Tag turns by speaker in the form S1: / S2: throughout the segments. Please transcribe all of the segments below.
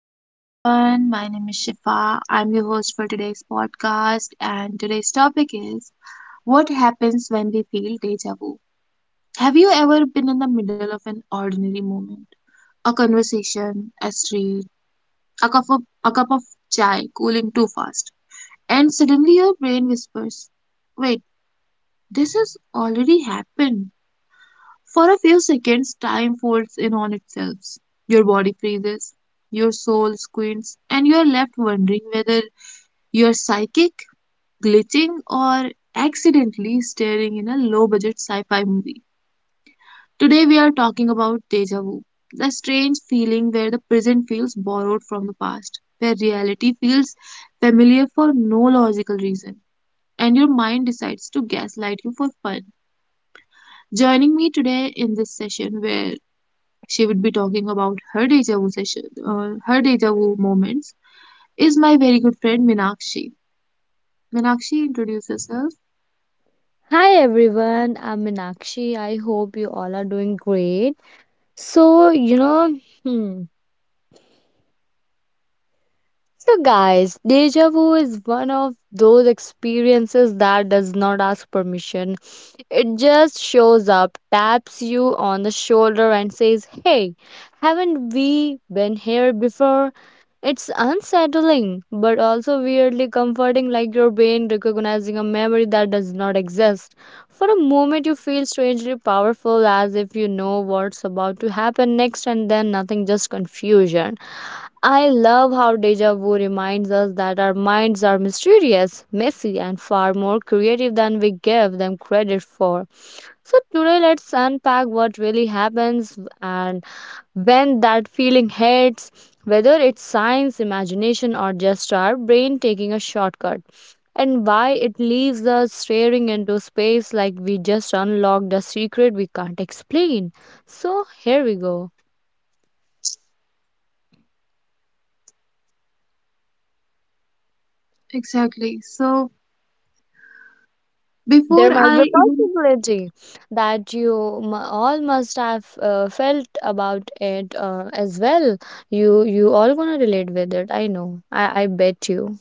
S1: Hello everyone, my name is Shifa. I'm your host for today's podcast, and today's topic is: what happens when we feel deja vu? Have you ever been in the middle of an ordinary moment? A conversation, a street, a cup of chai cooling too fast, and suddenly your brain whispers, "Wait, this has already happened." For a few seconds, time folds in on itself. Your body freezes, your soul squints, and you are left wondering whether you're psychic, glitching, or accidentally staring in a low budget sci fi movie. Today, we are talking about deja vu, the strange feeling where the present feels borrowed from the past, where reality feels familiar for no logical reason, and your mind decides to gaslight you for fun. Joining me today in this session, where she would be talking about her deja vu session, her deja vu moments, is my very good friend Minakshi. Minakshi, introduce yourself.
S2: Hi everyone, I'm Meenakshi. I hope you all are doing great. So, you know, hmm. So, guys, deja vu is one of those experiences that does not ask permission. It just shows up, taps you on the shoulder, and says, "Hey, haven't we been here before?" It's unsettling, but also weirdly comforting, like your brain recognizing a memory that does not exist. For a moment, you feel strangely powerful, as if you know what's about to happen next, and then nothing, just confusion. I love how deja vu reminds us that our minds are mysterious, messy, and far more creative than we give them credit for. So today, let's unpack what really happens and when that feeling hits, whether it's science, imagination, or just our brain taking a shortcut, and why it leaves us staring into space like we just unlocked a secret we can't explain. So, here we go.
S1: Exactly. So
S2: There
S1: before
S2: might be
S1: I
S2: a
S1: even
S2: possibility that you all must have felt about it as well. You all gonna relate with it. I know. I bet you.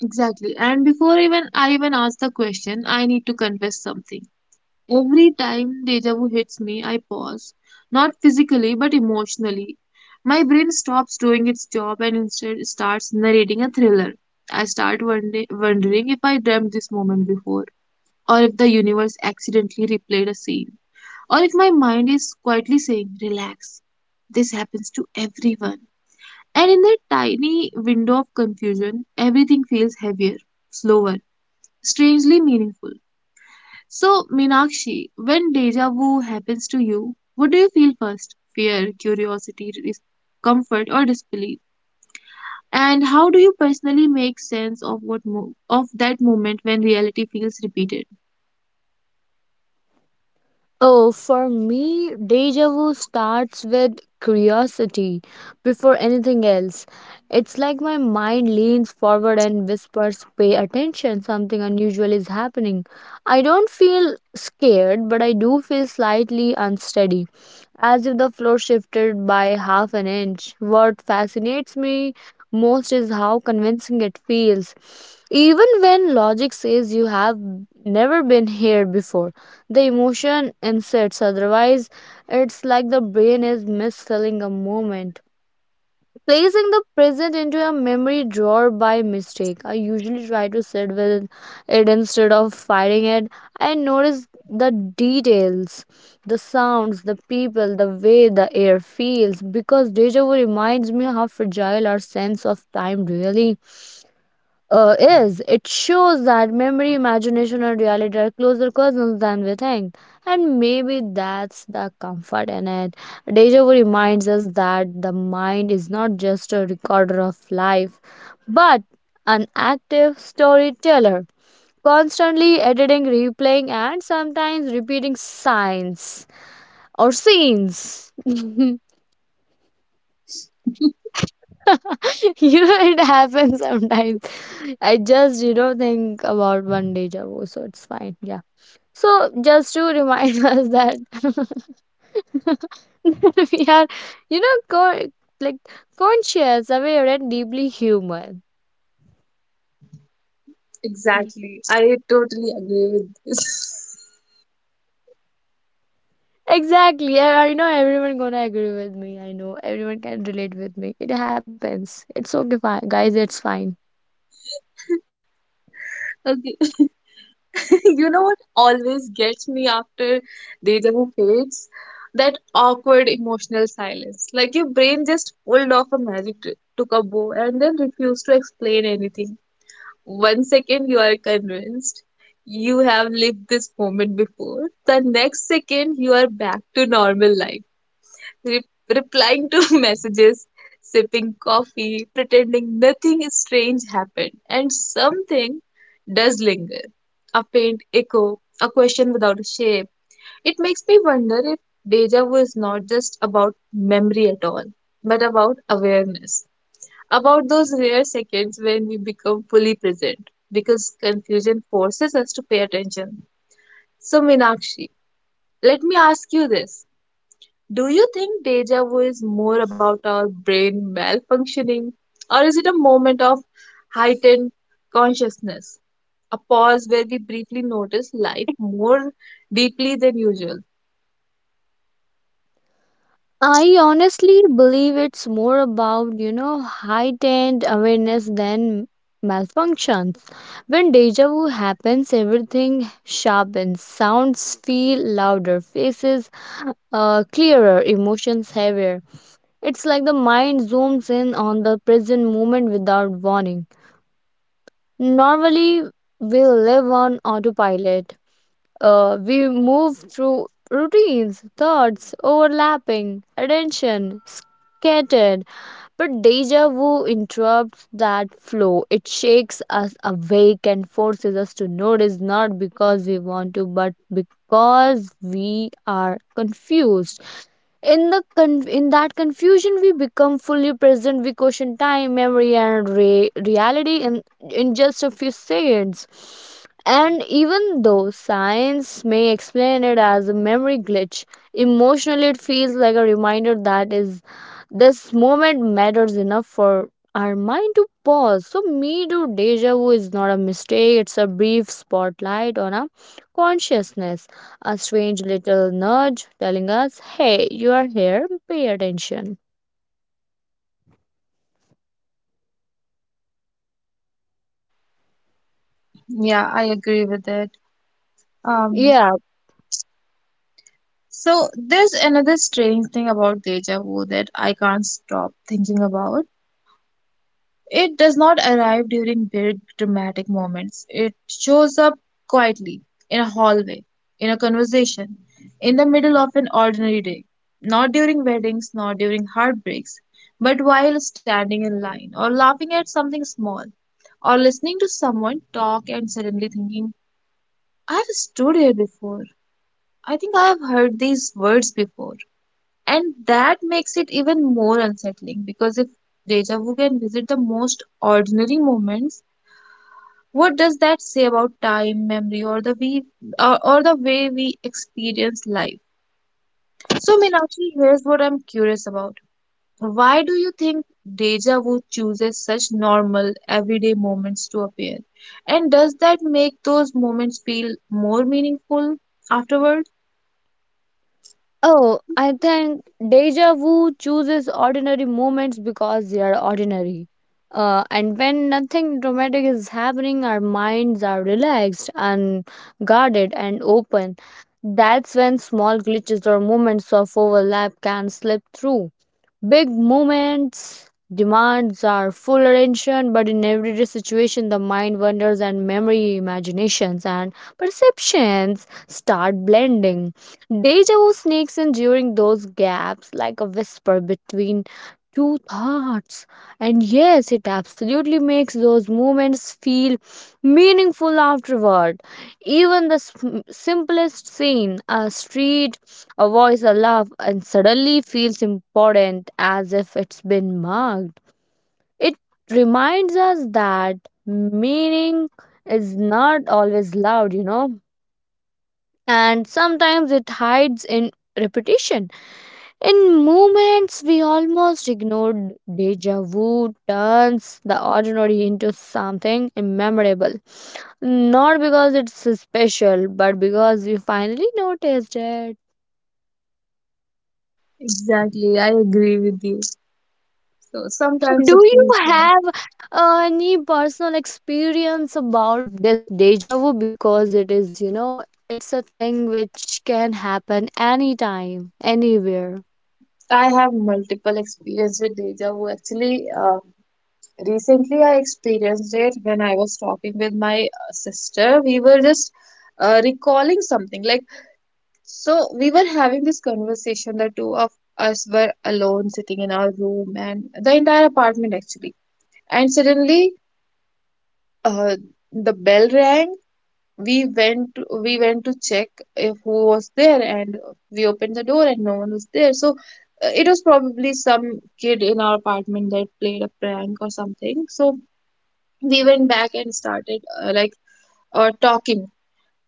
S1: Exactly, and before even I even ask the question, I need to confess something. Every time deja vu hits me, I pause, not physically but emotionally. My brain stops doing its job and instead starts narrating a thriller. I start wondering if I dreamt this moment before, or if the universe accidentally replayed a scene, or if my mind is quietly saying, "Relax, this happens to everyone." And in that tiny window of confusion, everything feels heavier, slower, strangely meaningful. So, Meenakshi, when deja vu happens to you, what do you feel first? Fear, curiosity, dis- comfort, or disbelief? And how do you personally make sense of that moment when reality feels repeated?
S2: Oh, for me, deja vu starts with curiosity before anything else. It's like my mind leans forward and whispers, "Pay attention, something unusual is happening." I don't feel scared, but I do feel slightly unsteady, as if the floor shifted by half an inch. What fascinates me most is how convincing it feels. Even when logic says you have never been here before, the emotion insists. Otherwise, it's like the brain is misfilling a moment, placing the present into a memory drawer by mistake. I usually try to sit with it instead of fighting it. I notice the details, the sounds, the people, the way the air feels, because deja vu reminds me how fragile our sense of time really is. It shows that memory, imagination, and reality are closer cousins than we think. And maybe that's the comfort in it. Deja vu reminds us that the mind is not just a recorder of life, but an active storyteller, constantly editing, replaying, and sometimes repeating signs or scenes. It happens sometimes. I just think about one deja vu, so it's fine, yeah. So, just to remind us that that we are, you know co- like conscious, aware, and deeply human.
S1: Exactly. I totally agree with this.
S2: Exactly, I know everyone gonna agree with me. I know everyone can relate with me. It happens. It's okay, fine guys, it's fine.
S1: Okay, you know what always gets me after deja vu fades? That awkward emotional silence. Like your brain just pulled off a magic trick, took a bow, and then refused to explain anything. One second you are convinced you have lived this moment before, the next second you are back to normal life, replying to messages, sipping coffee, pretending nothing strange happened, and something does linger. A faint echo, a question without a shape. It makes me wonder if deja vu is not just about memory at all, but about awareness, about those rare seconds when we become fully present, because confusion forces us to pay attention. So, Meenakshi, let me ask you this: do you think deja vu is more about our brain malfunctioning, or is it a moment of heightened consciousness, a pause where we briefly notice life more deeply than usual?
S2: I honestly believe it's more about, you know, heightened awareness than malfunctions. When deja vu happens, everything sharpens. Sounds feel louder, faces clearer, emotions heavier. It's like the mind zooms in on the present moment without warning. Normally, we live on autopilot. We move through routines, thoughts overlapping, attention scattered, but deja vu interrupts that flow. It shakes us awake and forces us to notice, not because we want to, but because we are confused. In that confusion, we become fully present. We question time, memory, and reality in just a few seconds. And even though science may explain it as a memory glitch, emotionally it feels like a reminder that is this moment matters enough for our mind to pause. So, me too, deja vu is not a mistake, it's a brief spotlight on our consciousness, a strange little nudge telling us, "Hey, you are here, pay attention."
S1: Yeah, I agree with it. Um,
S2: Yeah.
S1: so there's another strange thing about deja vu that I can't stop thinking about. It does not arrive during big dramatic moments. It shows up quietly, in a hallway, in a conversation, in the middle of an ordinary day. Not during weddings, not during heartbreaks, but while standing in line, or laughing at something small, or listening to someone talk and suddenly thinking, "I have stood here before. I think I have heard these words before." And that makes it even more unsettling, because if deja vu can visit the most ordinary moments, what does that say about time, memory, or the way we experience life? So, Meenakshi, here's what I'm curious about. Why do you think deja vu chooses such normal, everyday moments to appear? And does that make those moments feel more meaningful afterward?
S2: Oh, I think deja vu chooses ordinary moments because they are ordinary. And when nothing dramatic is happening, our minds are relaxed and guarded and open. That's when small glitches or moments of overlap can slip through. Big moments demands our full attention, but in everyday situation, the mind wanders and memory, imaginations, and perceptions start blending. Deja vu sneaks in during those gaps, like a whisper between two thoughts. And yes, it absolutely makes those moments feel meaningful afterward. Even the simplest scene, a street, a voice, a laugh, and suddenly feels important as if it's been marked. It reminds us that meaning is not always loud, you know, and sometimes it hides in repetition. In moments we almost ignored, deja vu turns the ordinary into something immemorable. Not because it's special, but because we finally noticed it.
S1: Exactly, I agree with you. So sometimes
S2: Do
S1: it
S2: you
S1: feels like
S2: have any personal experience about this deja vu? Because it is, you know, it's a thing which can happen anytime, anywhere.
S1: I have multiple experience with deja vu. Actually, recently, I experienced it when I was talking with my sister. We were just recalling something. Like, so we were having this conversation. The two of us were alone sitting in our room and the entire apartment actually. And suddenly, uh, the bell rang. We went we went to check if who was there, and we opened the door and no one was there. So it was probably some kid in our apartment that played a prank or something. So we went back and started talking,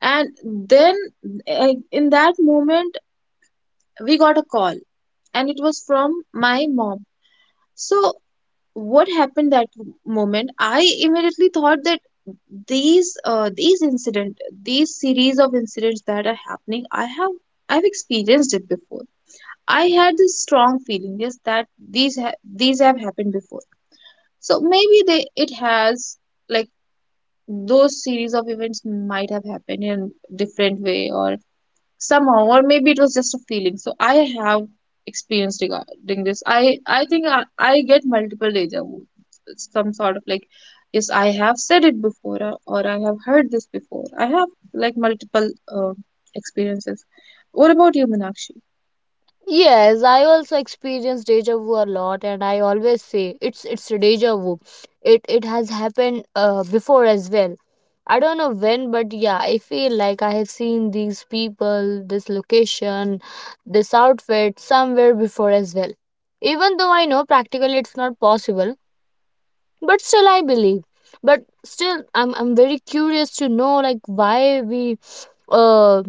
S1: and then in that moment we got a call, and it was from my mom. So what happened, that moment I immediately thought that these incident, these series of incidents that are happening, I have, I've experienced it before. I had this strong feeling, yes, that these have happened before. So maybe they, it has, like, those series of events might have happened in different way or somehow, or maybe it was just a feeling. So I have experienced regarding this. I think I get multiple deja vu, some sort of like, yes, I have said it before, or I have heard this before. I have like multiple experiences. What about you, Meenakshi?
S2: Yes, I also experience deja vu a lot, and I always say it's a deja vu. It has happened before as well. I don't know when, but yeah, I feel like I have seen these people, this location, this outfit somewhere before as well. Even though I know practically it's not possible, but still I believe. But still, I'm very curious to know like uh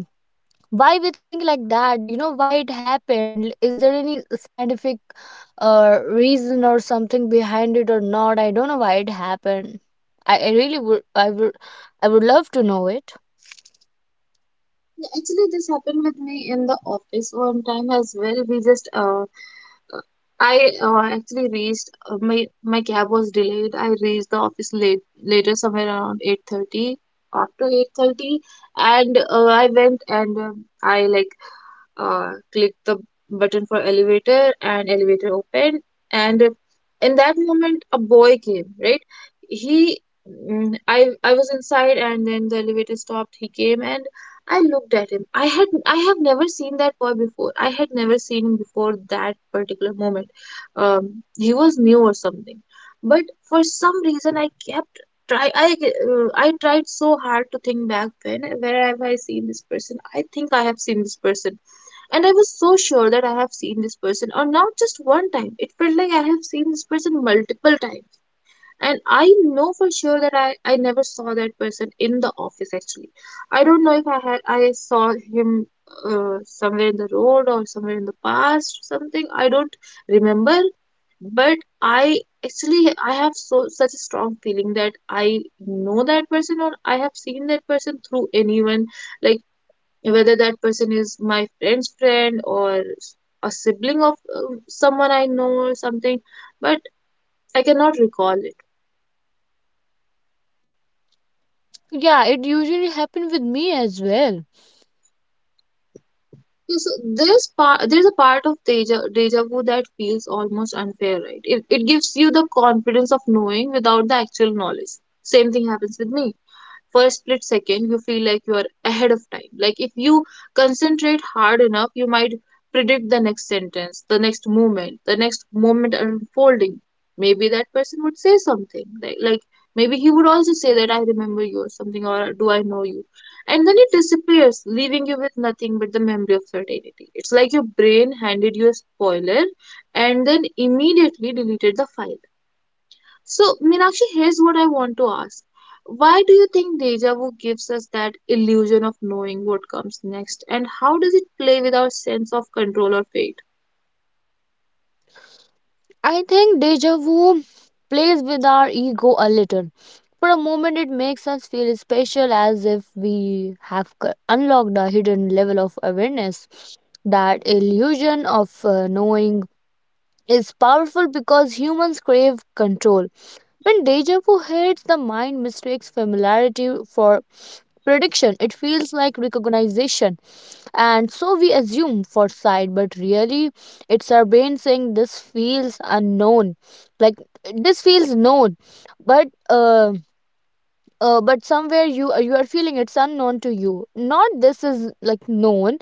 S2: why we think like that. You know why it happened? Is there any scientific reason or something behind it or not? I don't know why it happened. I really would I would love to know it.
S1: Yeah, actually, this happened with me in the office one time as well. We just, uh, I actually reached, my my cab was delayed. I reached the office late later, somewhere around 8:30. After 8:30, and I went and I like click the button for elevator, and elevator opened, and in that moment a boy came, right? He, I was inside, and then the elevator stopped, he came, and I looked at him. I have never seen that boy before. I had never seen him before that particular moment. He was new or something. But for some reason I kept try I tried so hard to think back, when, where have I seen this person? I think I have seen this person. And I was so sure that I have seen this person, or not just one time. It felt like I have seen this person multiple times. And I know for sure that I never saw that person in the office actually. I don't know if I saw him somewhere in the road or somewhere in the past or something. I don't remember, but I actually, I have so such a strong feeling that I know that person, or I have seen that person through anyone, like whether that person is my friend's friend or a sibling of someone I know or something, but I cannot recall it.
S2: Yeah, it usually happens with me as well.
S1: Yeah, so there's a part of deja vu that feels almost unfair, right? It gives you the confidence of knowing without the actual knowledge. Same thing happens with me. For a split second you feel like you are ahead of time. Like if you concentrate hard enough, you might predict the next sentence, the next moment, the next moment unfolding. Maybe that person would say something, like maybe he would also say that, "I remember you," or something, or "Do I know you?" And then it disappears, leaving you with nothing but the memory of certainty. It's like your brain handed you a spoiler and then immediately deleted the file. So, Meenakshi, here's what I want to ask. Why do you think deja vu gives us that illusion of knowing what comes next, and how does it play with our sense of control or fate?
S2: I think deja vu plays with our ego a little. For a moment, it makes us feel special as if we have unlocked a hidden level of awareness. That illusion of knowing is powerful because humans crave control. When deja vu hits, the mind mistakes familiarity for prediction. It feels like recognition, and so we assume for foresight, but really it's our brain saying this feels unknown like this feels known, but uh, but somewhere you you are feeling it's unknown to you, not this is like known.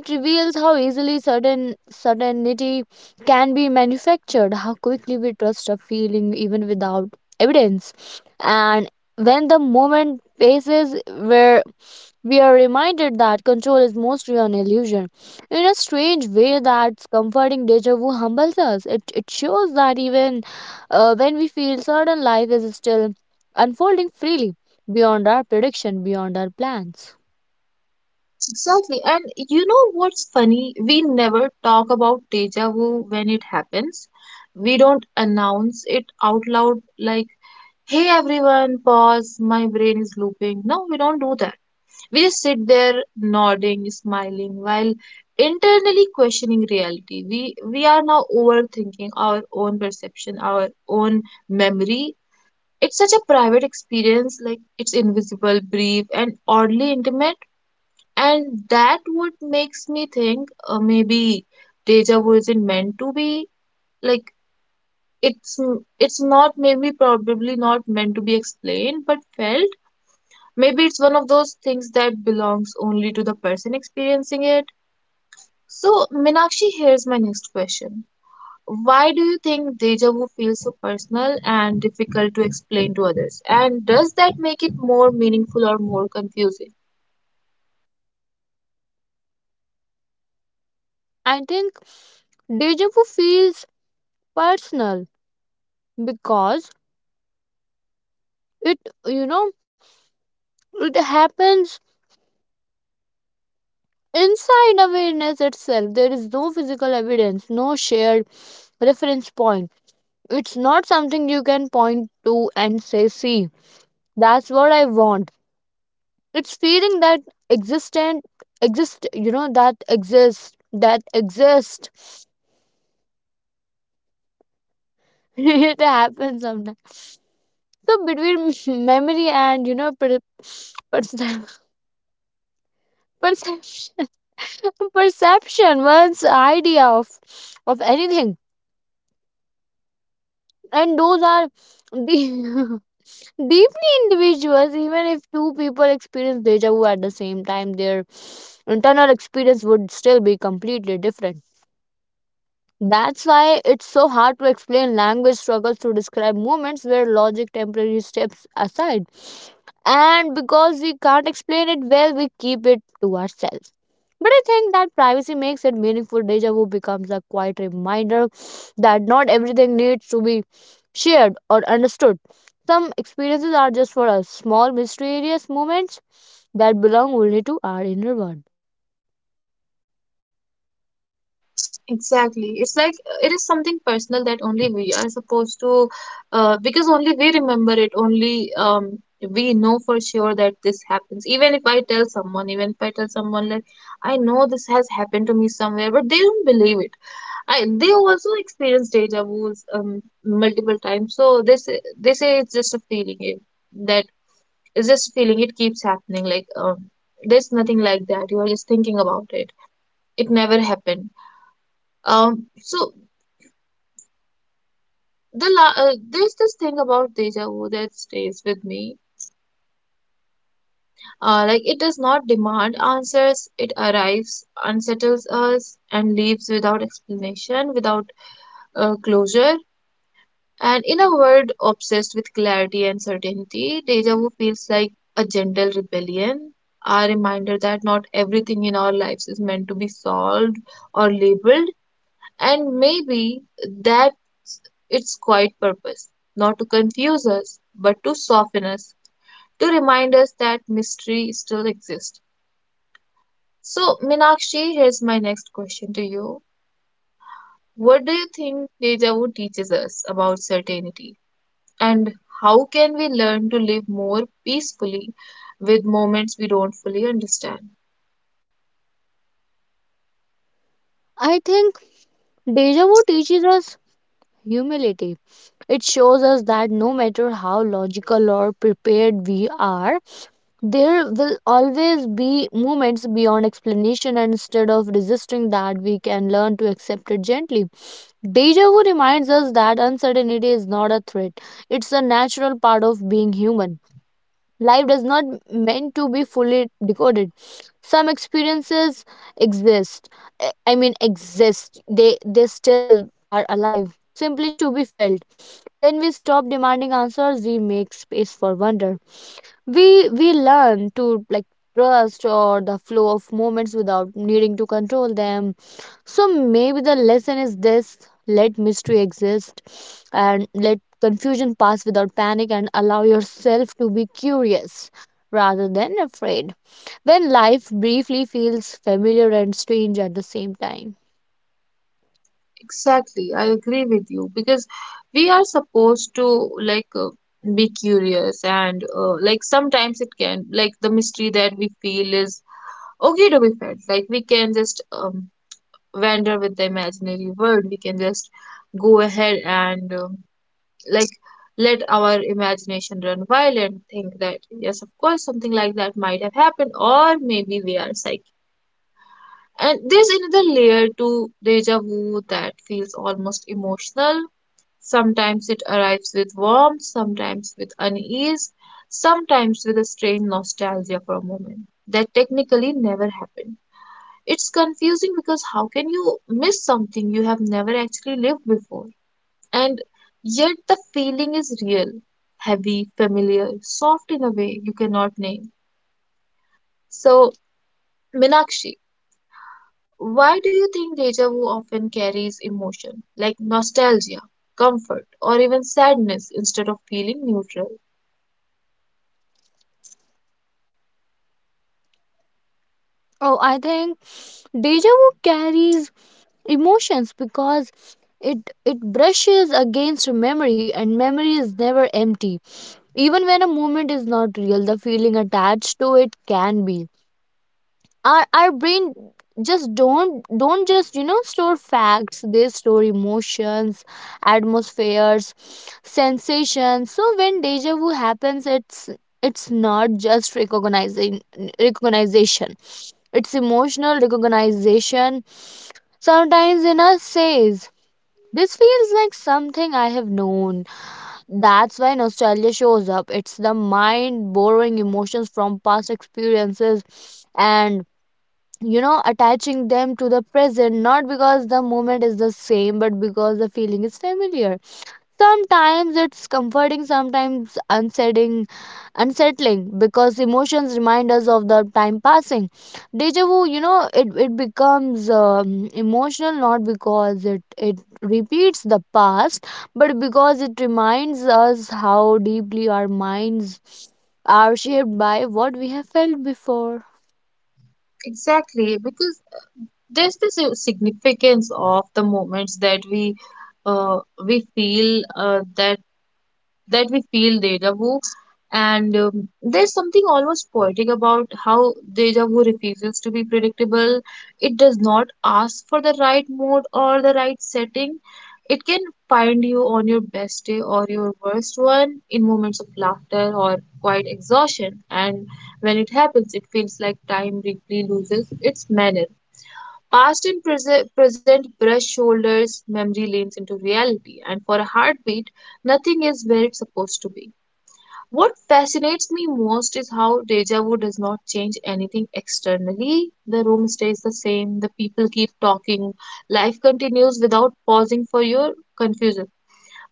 S2: It reveals how easily certainty can be manufactured, how quickly we trust a feeling even without evidence. And when the moment passes, where we are reminded that control is mostly an illusion. In a strange way, that's comforting. Deja vu humbles us. It shows that even when we feel certain, life is still unfolding freely, beyond our prediction, beyond our plans.
S1: Exactly. And you know what's funny? We never talk about deja vu when it happens. We don't announce it out loud like, "Hey everyone, pause, my brain is looping." No, we don't do that. We just sit there nodding, smiling, while internally questioning reality. We are now overthinking our own perception, our own memory. It's such a private experience, like it's invisible, brief, and oddly intimate. And that what makes me think, maybe deja vu isn't meant to be, like, it's it's not, maybe probably not meant to be explained but felt. Maybe it's one of those things that belongs only to the person experiencing it. So, Minakshi, here's my next question. Why do you think deja vu feels so personal and difficult to explain to others? And does that make it more meaningful or more confusing?
S2: I think deja vu feels personal because it, you know, it happens inside awareness itself. There is no physical evidence, no shared reference point. It's not something you can point to and say, "See, that's what I want." It's feeling that existent, exist, you know, that exists. It happens sometimes. So, between memory and, you know, perception, perception perception, one's idea of anything, and those are the deeply individuals. Even if two people experience deja vu at the same time, their internal experience would still be completely different. That's why it's so hard to explain. Language struggles to describe moments where logic temporarily steps aside. And because we can't explain it well, we keep it to ourselves. But I think that privacy makes it meaningful. Deja vu becomes a quiet reminder that not everything needs to be shared or understood. Some experiences are just for us, small, mysterious moments that belong only to our inner world.
S1: Exactly. It's like it is something personal that only we are supposed to, because only we remember it, only we know for sure that this happens. Even if I tell someone, even if I tell someone like, "I know this has happened to me somewhere," but they don't believe it. I, they also experience deja vu's multiple times, so they say it's just a feeling. It, that it's just a feeling. It keeps happening. Like there's nothing like that. You are just thinking about it. It never happened. So there's this thing about deja vu that stays with me. Like, it does not demand answers. It arrives, unsettles us, and leaves without explanation, without closure. And in a world obsessed with clarity and certainty, deja vu feels like a gentle rebellion, a reminder that not everything in our lives is meant to be solved or labeled. And maybe that's its quiet purpose, not to confuse us, but to soften us, to remind us that mystery still exists. So, Minakshi, here's my next question to you. What do you think deja vu teaches us about certainty? And how can we learn to live more peacefully with moments we don't fully understand?
S2: I think deja vu teaches us humility. It shows us that no matter how logical or prepared we are, there will always be moments beyond explanation, and instead of resisting that, we can learn to accept it gently. Deja vu reminds us that uncertainty is not a threat, it's a natural part of being human. Life does not meant to be fully decoded. Some experiences exist. I mean exist. They still are alive, simply to be felt. When we stop demanding answers, we make space for wonder. We learn to, like, trust or the flow of moments without needing to control them. So maybe the lesson is this: let mystery exist, and let confusion pass without panic, and allow yourself to be curious rather than afraid when life briefly feels familiar and strange at the same time.
S1: Exactly, I agree with you because we are supposed to like be curious and like sometimes it can like the mystery that we feel is okay to be felt. Like we can just wander with the imaginary world. We can just go ahead and like let our imagination run wild and think that yes, of course, something like that might have happened, or maybe we are psychic. And there's another layer to deja vu that feels almost emotional. Sometimes it arrives with warmth, sometimes with unease, sometimes with a strange nostalgia for a moment that technically never happened. It's confusing because how can you miss something you have never actually lived before? And yet the feeling is real, heavy, familiar, soft in a way you cannot name. So, Minakshi, why do you think deja vu often carries emotion like nostalgia, comfort, or even sadness instead of feeling neutral?
S2: Oh, I think deja vu carries emotions because it brushes against memory, and memory is never empty. Even when a moment is not real, the feeling attached to it can be. Our brain just don't just, you know, store facts. They store emotions, atmospheres, sensations. So when deja vu happens, it's not just recognizing recognition, it's emotional recognition. Sometimes in us says, "This feels like something I have known." That's why nostalgia shows up. It's the mind borrowing emotions from past experiences and, you know, attaching them to the present, not because the moment is the same, but because the feeling is familiar. Sometimes it's comforting, sometimes unsettling. Unsettling because emotions remind us of the time passing. Deja vu, you know, it becomes emotional not because it repeats the past, but because it reminds us how deeply our minds are shaped by what we have felt before.
S1: Exactly, because there's the significance of the moments that uh, we feel that we feel deja vu. And there's something almost poetic about how deja vu refuses to be predictable. It does not ask for the right mood or the right setting. It can find you on your best day or your worst one, in moments of laughter or quiet exhaustion. And when it happens, it feels like time briefly loses its manner. Past and present brush shoulders, memory leans into reality, and for a heartbeat, nothing is where it's supposed to be. What fascinates me most is how deja vu does not change anything externally. The room stays the same, the people keep talking, life continues without pausing for your confusion.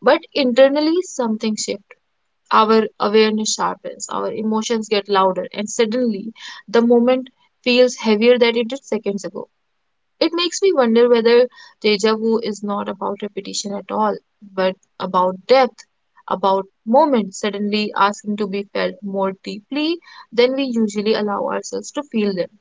S1: But internally, something shifts. Our awareness sharpens, our emotions get louder, and suddenly the moment feels heavier than it did seconds ago. It makes me wonder whether deja vu is not about repetition at all, but about depth, about moments suddenly asking to be felt more deeply than we usually allow ourselves to feel them.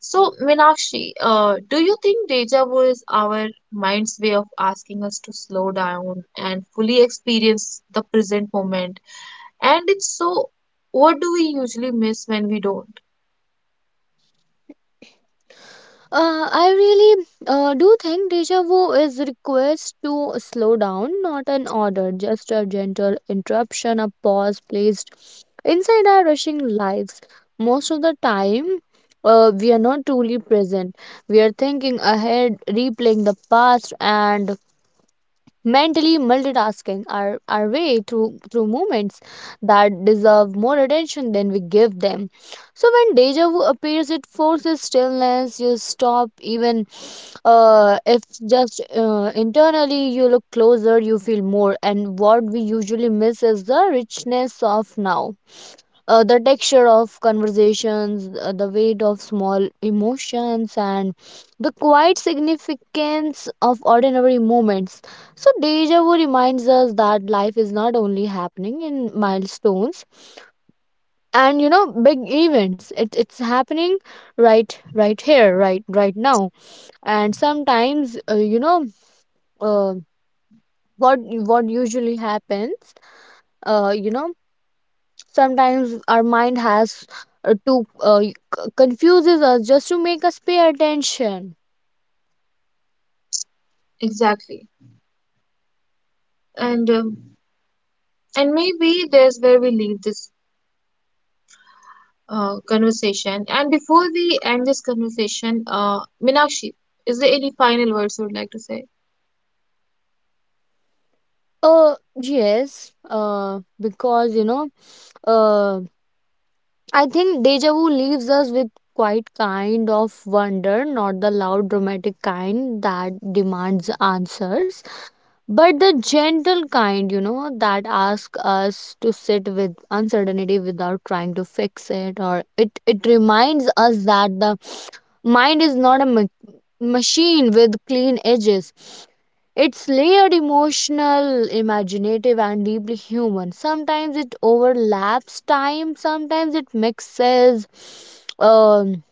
S1: So, Minakshi, do you think deja vu is our mind's way of asking us to slow down and fully experience the present moment? And if so, what do we usually miss when we don't?
S2: I really do think deja vu is a request to slow down, not an order, just a gentle interruption, a pause placed inside our rushing lives. Most of the time, we are not truly present. We are thinking ahead, replaying the past, and mentally multitasking our way through moments that deserve more attention than we give them. So when deja vu appears, it forces stillness. You stop, even if just internally. You look closer, you feel more. And what we usually miss is the richness of now, the texture of conversations, the weight of small emotions, and the quiet significance of ordinary moments. So, deja vu reminds us that life is not only happening in milestones and, you know, big events. It's happening right here, right now. And sometimes, uh, what usually happens, uh, you know sometimes our mind has to confuses us just to make us pay attention.
S1: Exactly. And um, and maybe there's where we leave this conversation. And before we end this conversation, Minakshi, is there any final words you would like to say?
S2: Uh yes uh because, you know, uh I think deja vu leaves us with quite kind of wonder, not the loud dramatic kind that demands answers, but the gentle kind, you know, that asks us to sit with uncertainty without trying to fix it. Or It it reminds us that the mind is not a machine with clean edges. It's layered, emotional, imaginative, and deeply human. Sometimes it overlaps time, sometimes it mixes um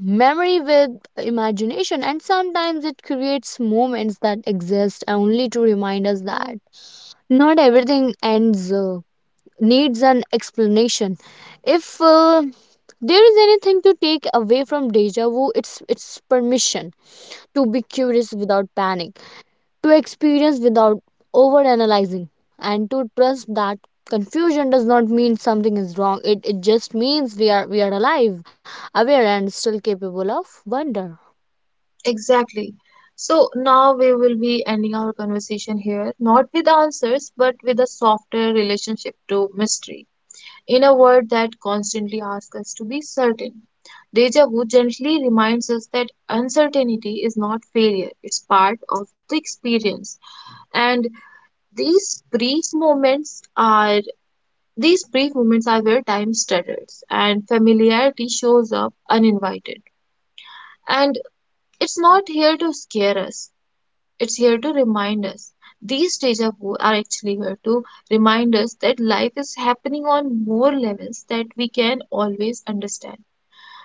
S2: memory with imagination, and sometimes it creates moments that exist only to remind us that not everything needs an explanation. If there is anything to take away from deja vu, it's permission to be curious without panic, to experience without overanalyzing, and to trust that confusion does not mean something is wrong. It just means we are alive, aware, and still capable of wonder.
S1: Exactly. So now we will be ending our conversation here, not with answers, but with a softer relationship to mystery. In a world that constantly asks us to be certain, deja vu gently reminds us that uncertainty is not failure, it's part of the experience. And these brief moments are these brief moments are where time stutters and familiarity shows up uninvited. And it's not here to scare us, it's here to remind us. These deja vu are actually here to remind us that life is happening on more levels that we can always understand,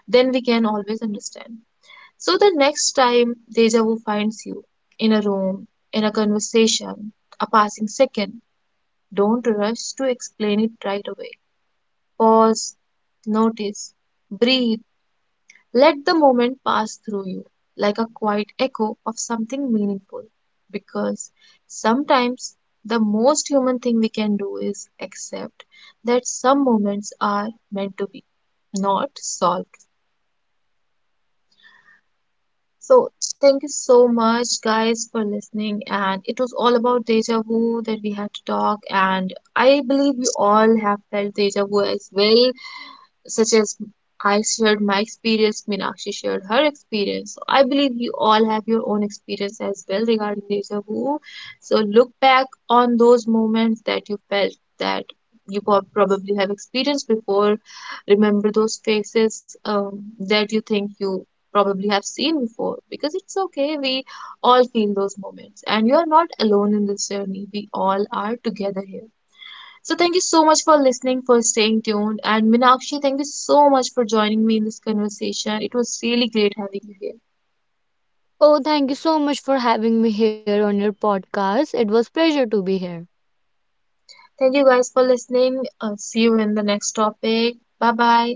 S1: Then we can always understand. So the next time deja vu finds you, in a room, in a conversation, a passing second, don't rush to explain it right away. Pause, notice, breathe. Let the moment pass through you like a quiet echo of something meaningful. Because sometimes the most human thing we can do is accept that some moments are meant to be not solved. So thank you so much guys for listening, and it was all about deja vu that we had to talk, and I believe we all have felt deja vu as well, such as I shared my experience, Meenakshi shared her experience. So I believe you all have your own experience as well regarding deja vu. So look back on those moments that you felt that you probably have experienced before. Remember those faces that you think you probably have seen before, because it's okay. We all feel those moments, and you are not alone in this journey. We all are together here. So thank you so much for listening, for staying tuned. And Minakshi, thank you so much for joining me in this conversation. It was really great having you here.
S2: Oh, thank you so much for having me here on your podcast. It was pleasure to be here.
S1: Thank you guys for listening. See you in the next topic. Bye bye.